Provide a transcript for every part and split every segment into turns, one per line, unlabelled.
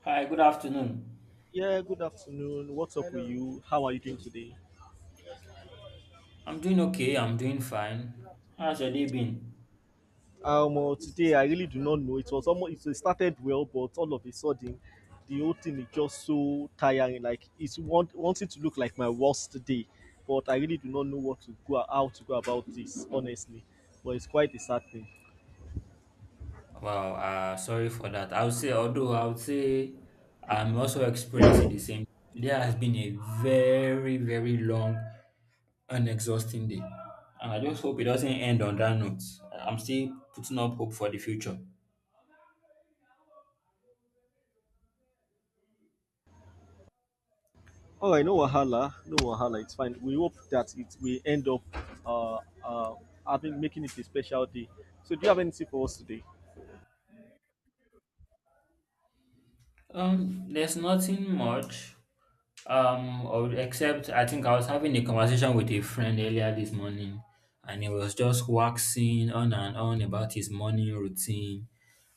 Hi, good afternoon.
Yeah, good afternoon. What's up with you? How are you doing today?
I'm doing okay. I'm doing fine. How's your day been?
Today I really do not know. It was almost It started well, but all of a sudden, the whole thing is just so tiring. Like it's wants it to look like my worst day, but I really do not know what to go how to go about this, honestly. But it's quite a sad thing.
Wow, sorry for that. I would say, although I would say I'm also experiencing the same. Today has been a very, very long and exhausting day. And I just hope it doesn't end on that note. I'm still putting up hope for the future.
All right, no wahala, no wahala. It's fine. We hope that it we end up uh, uh having making it a special day. So do you have anything for us today?
There's nothing much. Except I think I was having a conversation with a friend earlier this morning, and he was just waxing on and on about his morning routine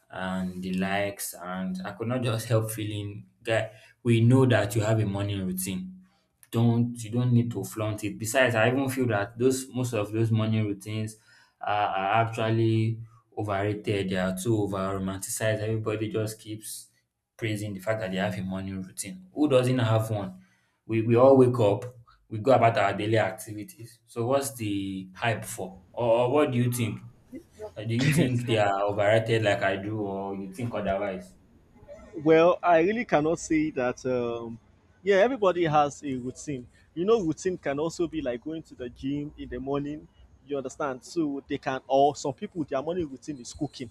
and the likes, and I could not just help feeling, guy, we know that you have a morning routine, don't need to flaunt it. Besides, I even feel that those most of those morning routines are actually overrated. They are too over romanticized. Everybody just keeps praising the fact that they have a morning routine. Who doesn't have one? We all wake up, we go about our daily activities. So what's the hype for? Or what do you think? Do you think they are overrated like I do, or you think otherwise?
Well, I really cannot say that. Yeah, everybody has a routine. Routine can also be like going to the gym in the morning. You understand? So they can, or some people, their morning routine is cooking,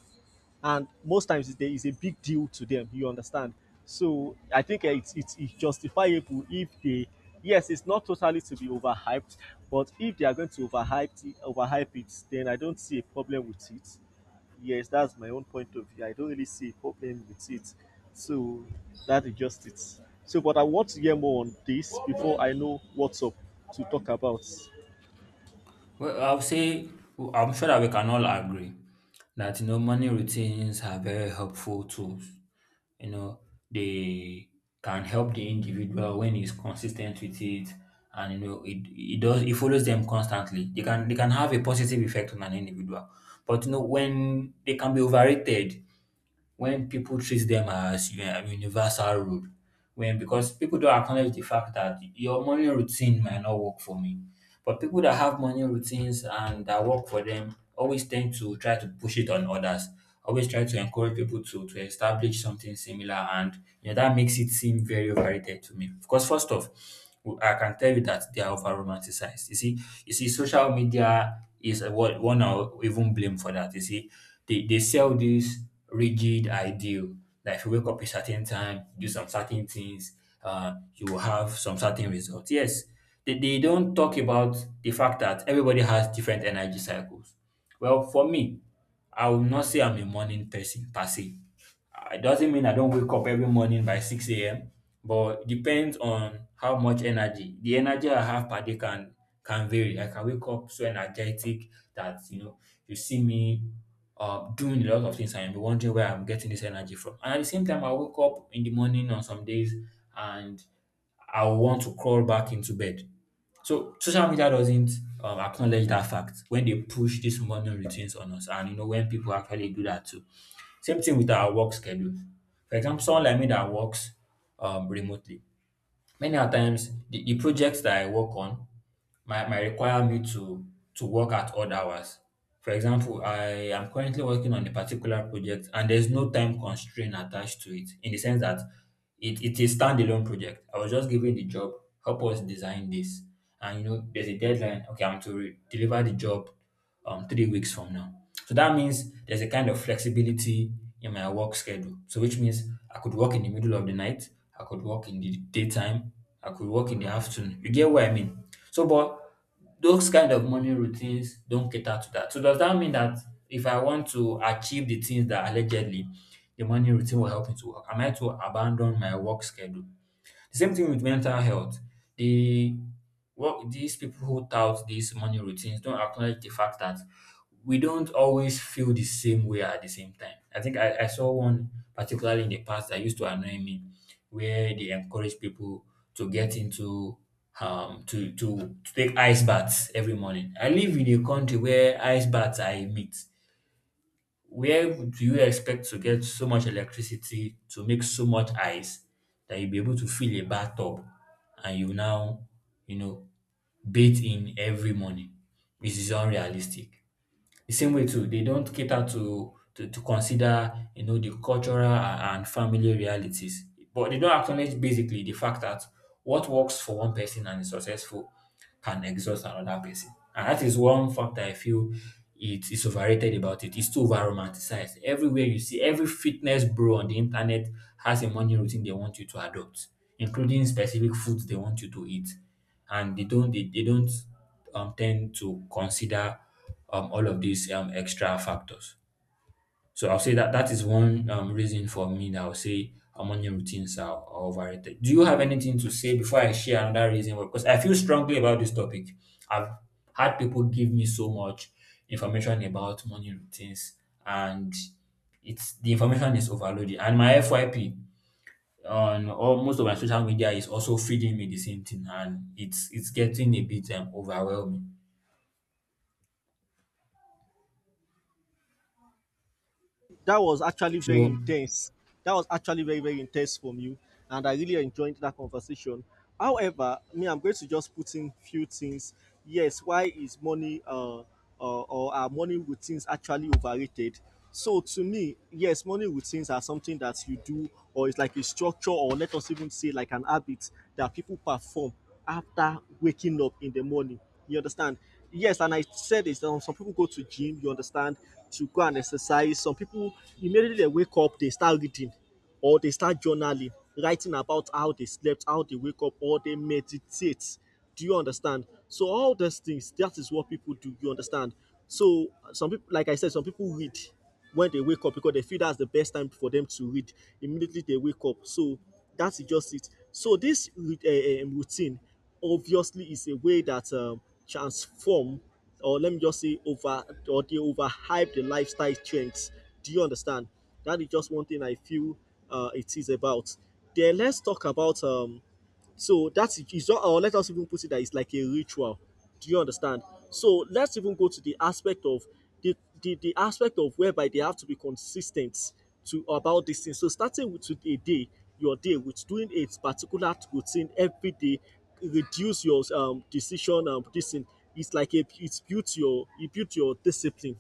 and most times there is a big deal to them. You understand? So I think yeah, it's justifiable if they. Yes, it's not totally to be overhyped, but if they are going to overhype it, then I don't see a problem with it. Yes, that's my own point of view. I don't really see a problem with it. So that is just it. So, but I want to hear more on this before I know what's up to talk about.
Well, I'll say I'm sure that we can all agree that, you know, morning routines are very helpful tools. You know, they can help the individual when he's consistent with it, and, you know, it follows them constantly. They can have a positive effect on an individual. But, you know, when they can be overrated when people treat them as a universal rule, when because people don't acknowledge the fact that your morning routine might not work for me, but people that have morning routines and that work for them always tend to try to push it on others, always try to encourage people to establish something similar, and, you know, that makes it seem very overrated to me. Because first off, I can tell you that they are over romanticized. You see, social media is what one or even blame for that. You see, they sell this rigid ideal. Like, if you wake up a certain time, do some certain things, you will have some certain results. Yes, they don't talk about the fact that everybody has different energy cycles. Well, for me, I will not say I'm a morning person per se. It doesn't mean I don't wake up every morning by 6 a.m., but it depends on how much energy. The energy I have per day can vary. Like, I can wake up so energetic that, you know, you see me doing a lot of things and be wondering where I'm getting this energy from. And at the same time, I wake up in the morning on some days and I want to crawl back into bed. So social media doesn't acknowledge that fact when they push these morning routines on us, and, you know, when people actually do that too. Same thing with our work schedule. For example, someone like me that works remotely, many a times the projects that I work on might require me to work at odd hours. For example, I am currently working on a particular project and there's no time constraint attached to it, in the sense that it's a standalone project. I was just given the job, help us design this. And, you know, there's a deadline. Okay, I'm to deliver the job 3 weeks from now. So that means there's a kind of flexibility in my work schedule. So, which means I could work in the middle of the night, I could work in the daytime, I could work in the afternoon. You get what I mean? So, but those kind of morning routines don't cater to that. So does that mean that if I want to achieve the things that allegedly the morning routine will help me to work, am I to abandon my work schedule? The same thing with mental health. They What these people who tout these morning routines don't acknowledge the fact that we don't always feel the same way at the same time. I think I saw one particularly in the past that used to annoy me, where they encourage people to get into to take ice baths every morning. I live in a country where ice baths are a myth. Where do you expect to get so much electricity to make so much ice that you'll be able to fill a bathtub and you now, you know, bathe in every morning? This is unrealistic. The same way too, they don't cater to consider, you know, the cultural and family realities. But they don't acknowledge basically the fact that what works for one person and is successful can exhaust another person. And that is one factor I feel it is overrated about it. It's too over romanticized. Everywhere you see, every fitness bro on the internet has a morning routine they want you to adopt, including specific foods they want you to eat, and they don't tend to consider all of these extra factors. So I'll say that that is one reason for me that I'll say our morning routines are overrated. Do you have anything to say before I share another reason? Because I feel strongly about this topic. I've had people give me so much information about morning routines, and it's the information is overloaded. And my FYP, on all most of my social media, is also feeding me the same thing, and it's getting a bit overwhelming.
That was actually very
So
intense. That was actually very, very intense from you, and I really enjoyed that conversation. However, me, I'm going to just put in few things. Yes, why is money or are money routines actually overrated? So to me, yes, money routines are something that you do, or it's like a structure, or let us even say like an habit that people perform after waking up in the morning. You understand? Yes, and I said this. Some people go to gym. You understand, to go and exercise. Some people, immediately they wake up, they start reading, or they start journaling, writing about how they slept, how they wake up, or they meditate. Do you understand? So all those things, that is what people do. You understand? So some people, like I said, some people read when they wake up because they feel that's the best time for them to read. Immediately they wake up. So that's just it. So this routine obviously is a way that transform, or let me just say over or they overhype the lifestyle trends. Do you understand? That is just one thing I feel it is about. Then let's talk about so that's it's not, or let us even put it that it's like a ritual. Do you understand? So let's even go to the aspect of the whereby they have to be consistent to about this thing. So starting with your day with doing a particular routine every day, reduce your decision this thing. It's like a, it's built your It built your discipline.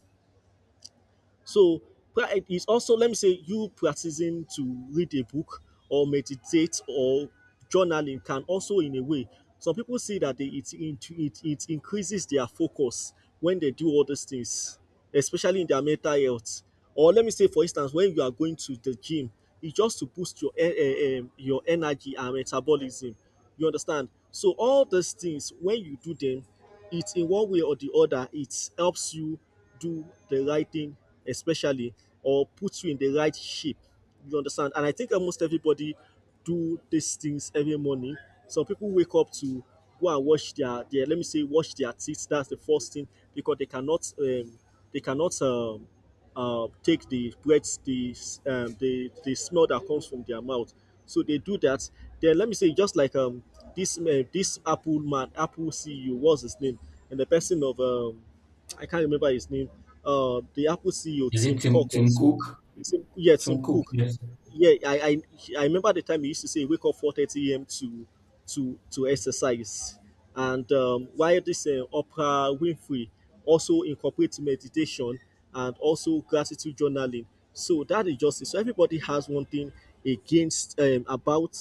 So prayer it is also, let me say, you practicing to read a book or meditate or journaling can also, in a way, some people see that they, it increases their focus when they do all these things, especially in their mental health. Or let me say, for instance, when you are going to the gym, it's just to boost your your energy and metabolism. You understand? So all these things, when you do them, it in one way or the other, it helps you do the right thing, especially, or puts you in the right shape. You understand? And I think almost everybody do these things every morning. Some people wake up to go and wash their let me say, wash their teeth. That's the first thing because they cannot take the breath, the smell that comes from their mouth. So they do that. Then let me say, just like this Apple man, Apple CEO, what's his name, and the person of I can't remember his name. The Apple CEO
is it
Tim Cook
Tim
also.
Cook?
Tim, yeah, Tim
Tim Cook,
Cook.
yes.
Yeah, I remember the time he used to say wake up 4:30 a.m. to exercise, and while this Oprah Winfrey also incorporates meditation and also gratitude journaling. So that is justice. So everybody has one thing against about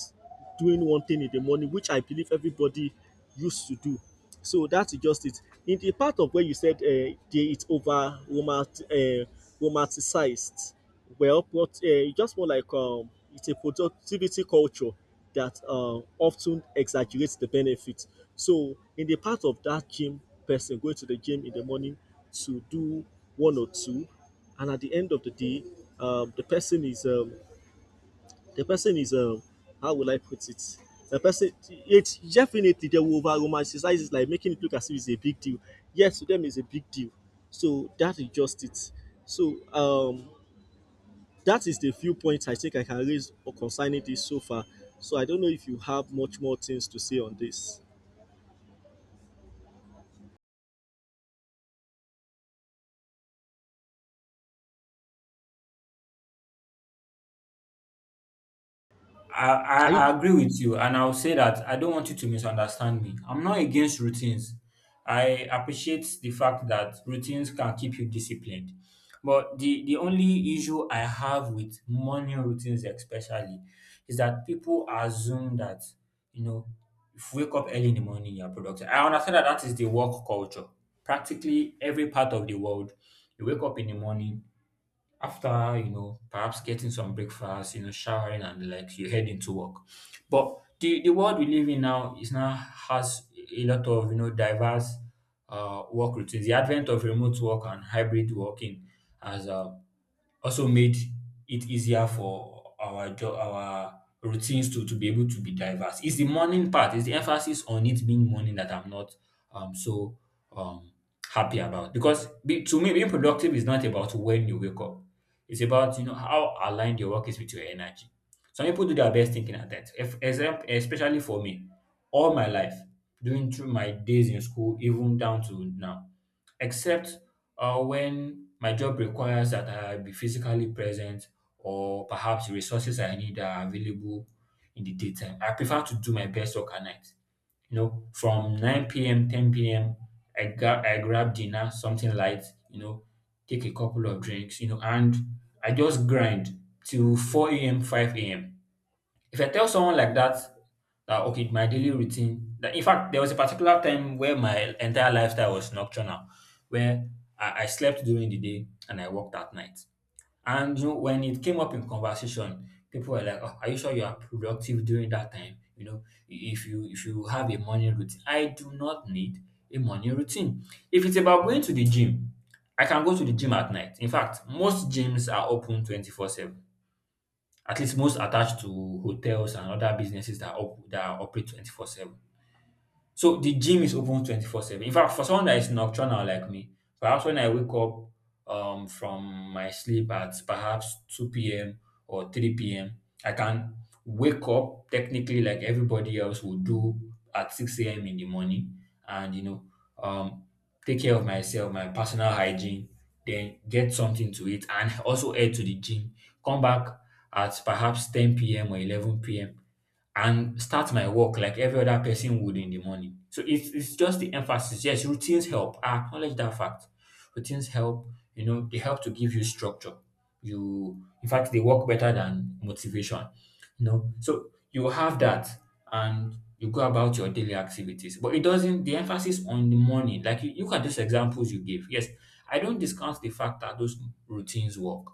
doing one thing in the morning, which I believe everybody used to do. So that's just it. In the part of where you said it's romanticized, well, but just more like it's a productivity culture that often exaggerates the benefits. So, in the part of that gym person going to the gym in the morning to do one or two, and at the end of the day, the person is the person is um, how will I put it? The person, it's definitely they will over romanticize it, like making it look as if it's a big deal. Yes, to them it's a big deal. So that is just it. So that is the few points I think I can raise or concerning this so far. So I don't know if you have much more things to say on this. Are you
I agree with you, and I'll say that I don't want you to misunderstand me. I'm not against routines. I appreciate the fact that routines can keep you disciplined. But the only issue I have with morning routines, especially, is that people assume that, you know, if you wake up early in the morning, you're productive. I understand that that is the work culture. Practically every part of the world, you wake up in the morning, after, you know, perhaps getting some breakfast, you know, showering and the like, you head into work. But the world we live in now is now has a lot of, you know, diverse work routines. The advent of remote work and hybrid working has also made it easier for our routines to be able to be diverse. It's the morning part, it's the emphasis on it being morning that I'm not um so um happy about. Because to me, being productive is not about when you wake up. It's about, you know, how aligned your work is with your energy. Some people do their best thinking at that. If, exam- Especially for me, all my life, during through my days in school, even down to now, except or when my job requires that I be physically present, or perhaps resources I need are available in the daytime, I prefer to do my best work at night. You know, from 9 p.m., 10 p.m., I grab dinner, something light, you know, take a couple of drinks, you know, and I just grind till 4 a.m., 5 a.m. If I tell someone like that, that okay, my daily routine, that, in fact, there was a particular time where my entire lifestyle was nocturnal, where I slept during the day and I worked at night. And, you know, when it came up in conversation, people were like, "Oh, are you sure you are productive during that time? You know, if you have a morning routine, I do not need a morning routine. If it's about going to the gym, I can go to the gym at night. In fact, most gyms are open 24/7, at least most attached to hotels and other businesses that, that operate 24/7. So the gym is open 24/7. In fact, for someone that is nocturnal like me, perhaps when I wake up from my sleep at perhaps 2 p.m. or 3 p.m., I can wake up technically like everybody else would do at 6 a.m. in the morning and, you know, um, take care of myself, my personal hygiene, then get something to eat and also head to the gym. Come back at perhaps 10 p.m. or 11 p.m, and start my work like every other person would in the morning. So it's just the emphasis. Yes, routines help. I acknowledge that fact. Routines help, you know, they help to give you structure. You, in fact, they work better than motivation, you know. So you have that and you go about your daily activities. But it doesn't, the emphasis on the morning, like you, look at those examples you gave. Yes, I don't discount the fact that those routines work.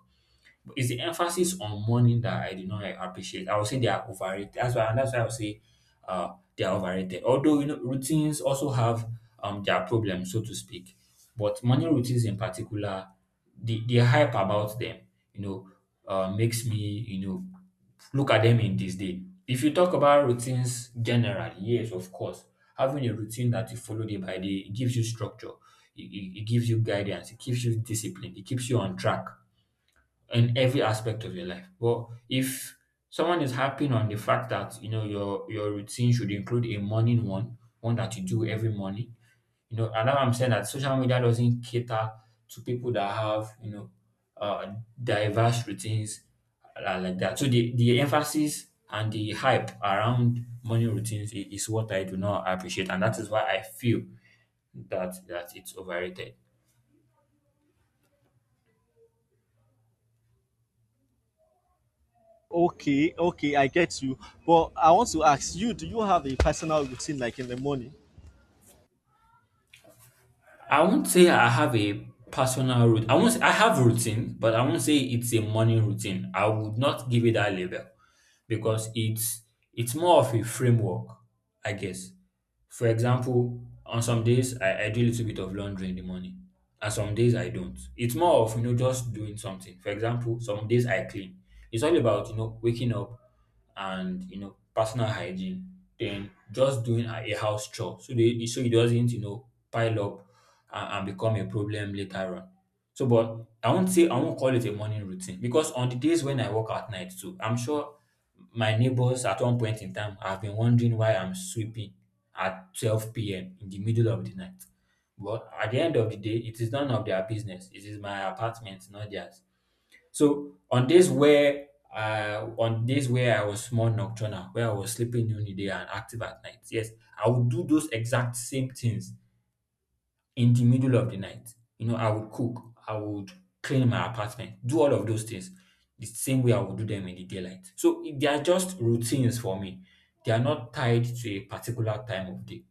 It's the emphasis on money that I do not appreciate. I would say they are overrated. That's why I would say they are overrated. Although, you know, routines also have their problems, so to speak. But morning routines in particular, the hype about them, you know, makes me, look at them in this day. If you talk about routines generally, yes, of course, having a routine that you follow day by day, it gives you structure, it gives you guidance, it gives you discipline, it keeps you on track in every aspect of your life. But if someone is harping on the fact that, you know, your routine should include a morning one, one that you do every morning, you know, and now I'm saying that social media doesn't cater to people that have, you know, uh, diverse routines like that. So the emphasis and the hype around morning routines is what I do not appreciate, and that is why I feel that it's overrated.
okay? Okay, I get you. But I want to ask you: do you have a personal routine like in the morning?
I won't say I have a personal route. I won't s- I have routine, but I won't say it's a morning routine. I would not give it that label because it's more of a framework, I guess. For example, on some days I do a little bit of laundry in the morning. And some days I don't. It's more of, you know, just doing something. For example, some days I clean. It's all about, you know, waking up and, you know, personal hygiene, then just doing a house chore so they so it doesn't, you know, pile up and become a problem later on. So, but I won't call it a morning routine because on the days when I work at night too, I'm sure my neighbors at one point in time have been wondering why I'm sweeping at 12 p.m. in the middle of the night. But at the end of the day, it is none of their business. It is my apartment, not theirs. So on days where I was more nocturnal, where I was sleeping during the day and active at night, yes, I would do those exact same things in the middle of the night. You know, I would cook, I would clean my apartment, do all of those things the same way I would do them in the daylight. So they are just routines for me. They are not tied to a particular time of day.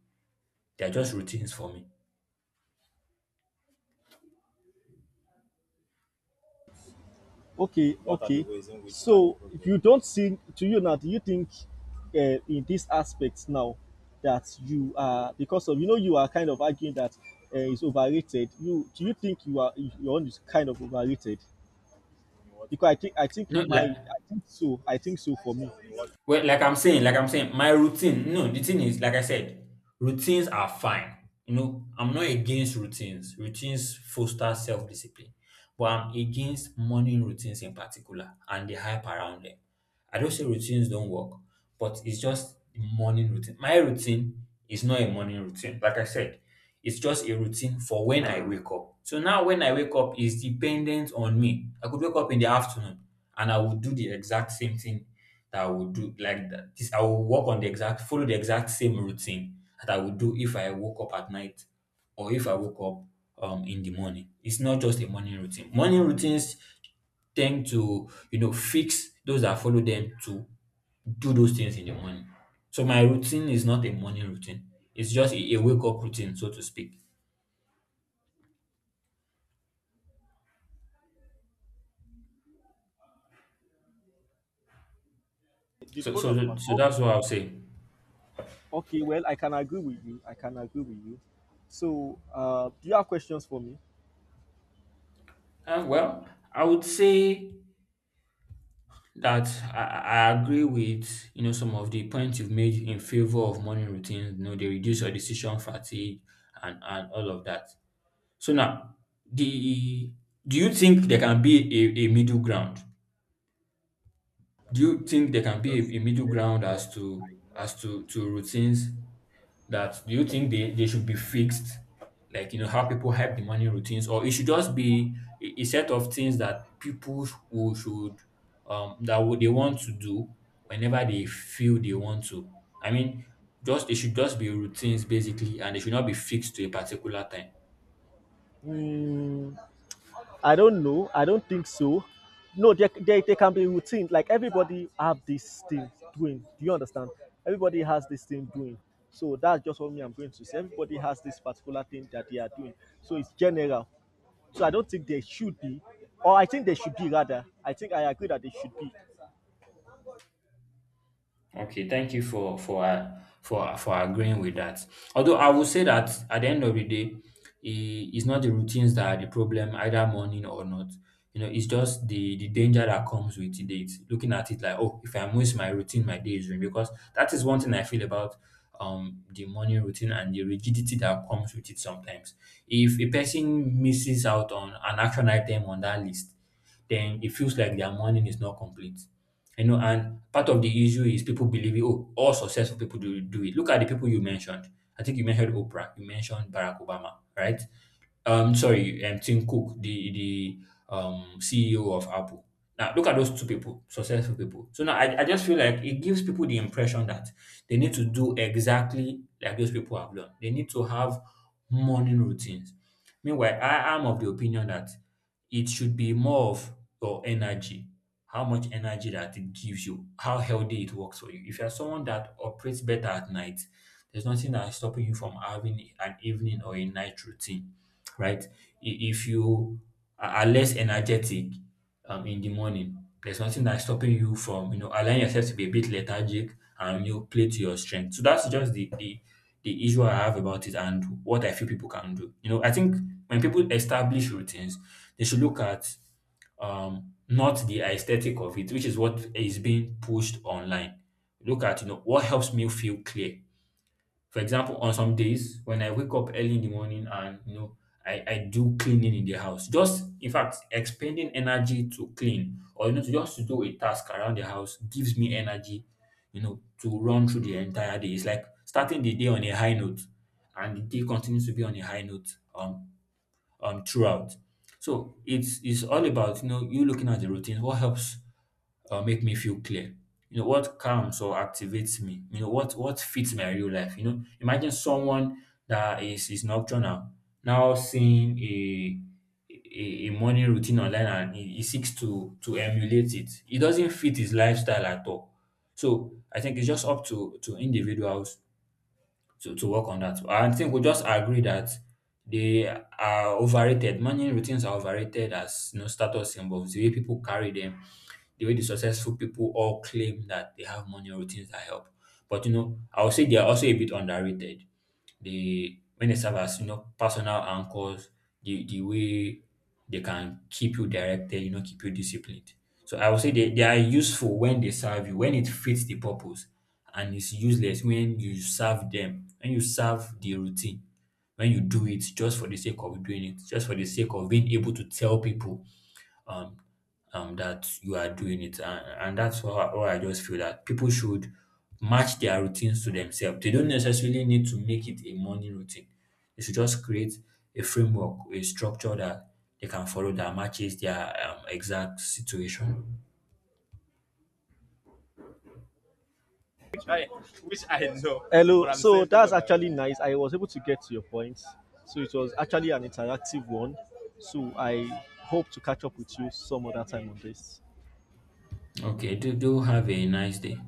They are just routines for me.
Okay. What? Okay. So if you don't think to you now, do you think in this aspect now that you are because of you are kind of arguing that it's overrated. You think you're kind of overrated? Because
No, like,
I think so for me.
Like I'm saying, my routine. No, the thing is, like I said, routines are fine. You know, I'm not against routines. Routines foster self-discipline, but I'm against morning routines in particular and the hype around them. I don't say routines don't work, but it's just morning routine. My routine is not a morning routine. Like I said, it's just a routine for when I wake up. So now when I wake up is dependent on me. I could wake up in the afternoon and I would do the exact same thing that I would do like that. This I will work on the exact Follow the exact same routine that I would do if I woke up at night or if I woke up in the morning. It's not just a morning routine. Morning routines tend to, you know, fix those that follow them to do those things in the morning. So my routine is not a morning routine. It's just a wake up routine, so to speak. So
O-
that's what I'll say.
Okay, well, I can agree with you. I can agree with you. So do you have questions for me?
Uh, well, I would say that I agree with, you know, some of the points you've made in favor of morning routines. You know, they reduce your decision fatigue and, all of that. So now the do you think there can be a middle ground? Do you think there can be a middle ground as to to routines that do you think they should be fixed, like, you know, how people have the morning routines, or it should just be a set of things that people who should that would they want to do whenever they feel they want to, I mean, just it should just be routines basically, and they should not be fixed to a particular time.
Hmm, I don't know. I don't think so. No, there can be routine. Like everybody have this thing doing. Do you understand? Everybody has this thing doing. So that's just what me I'm going to say. Everybody has this particular thing that they are doing. So it's general. So I don't think there should be, or I think there should be, rather. I think I agree that there should be.
Okay, thank you for for agreeing with that. Although I would say that at the end of the day, it's not the routines that are the problem, either morning or not. You know, it's just the danger that comes with it. It's looking at it like, oh, if I miss my routine, my day is ruined. Because that is one thing I feel about the morning routine and the rigidity that comes with it sometimes. If a person misses out on an action item on that list, then it feels like their morning is not complete. You know, and part of the issue is people believing, oh, all successful people do it. Look at the people you mentioned. I think you mentioned Oprah, you mentioned Barack Obama, right? Sorry, Tim Cook, the CEO of Apple. Now look at those two people, successful people. So now I just feel like it gives people the impression that they need to do exactly like those people have done. They need to have morning routines. Meanwhile, I am of the opinion that it should be more of your energy, how much energy that it gives you, how healthy it works for you. If you're someone that operates better at night, there's nothing that is stopping you from having an evening or a night routine, right? If you are less energetic in the morning, there's nothing that's stopping you from, you know, allowing yourself to be a bit lethargic and, you know, play to your strength. So that's just the the issue I have about it and what I feel people can do. You know, I think when people establish routines, they should look at not the aesthetic of it, which is what is being pushed online. Look at, you know, what helps me feel clear. For example, on some days when I wake up early in the morning and, you know, I do cleaning in the house. Just, in fact, expending energy to clean or, you know, to just to do a task around the house gives me energy, you know, to run through the entire day. It's like starting the day on a high note and the day continues to be on a high note. Um throughout. So it's all about, you know, you looking at the routine. What helps make me feel clear? You know what calms or activates me. You know what fits my real life. You know, imagine someone that is nocturnal now seeing a morning routine online and he seeks to emulate it. It doesn't fit his lifestyle at all. So I think it's just up to individuals to work on that. I think we just agree that they are overrated. Morning routines are overrated as, you know, status symbols, the way people carry them, the way the successful people all claim that they have money routines that help. But you know, I would say they are also a bit underrated. They when they serve as, you know, personal anchors, the way they can keep you directed, you know, keep you disciplined. So I would say they are useful when they serve you, when it fits the purpose, and it's useless when you serve them, when you serve the routine, when you do it just for the sake of doing it, just for the sake of being able to tell people um, that you are doing it. And, that's how, how I just feel that people should match their routines to themselves. They don't necessarily need to make it a morning routine. They should just create a framework, a structure that they can follow that matches their exact situation.
Hello. So that's actually nice. I was able to get to your point. So it was actually an interactive one. So I hope to catch up with you some other time on this.
Okay, do have a nice day.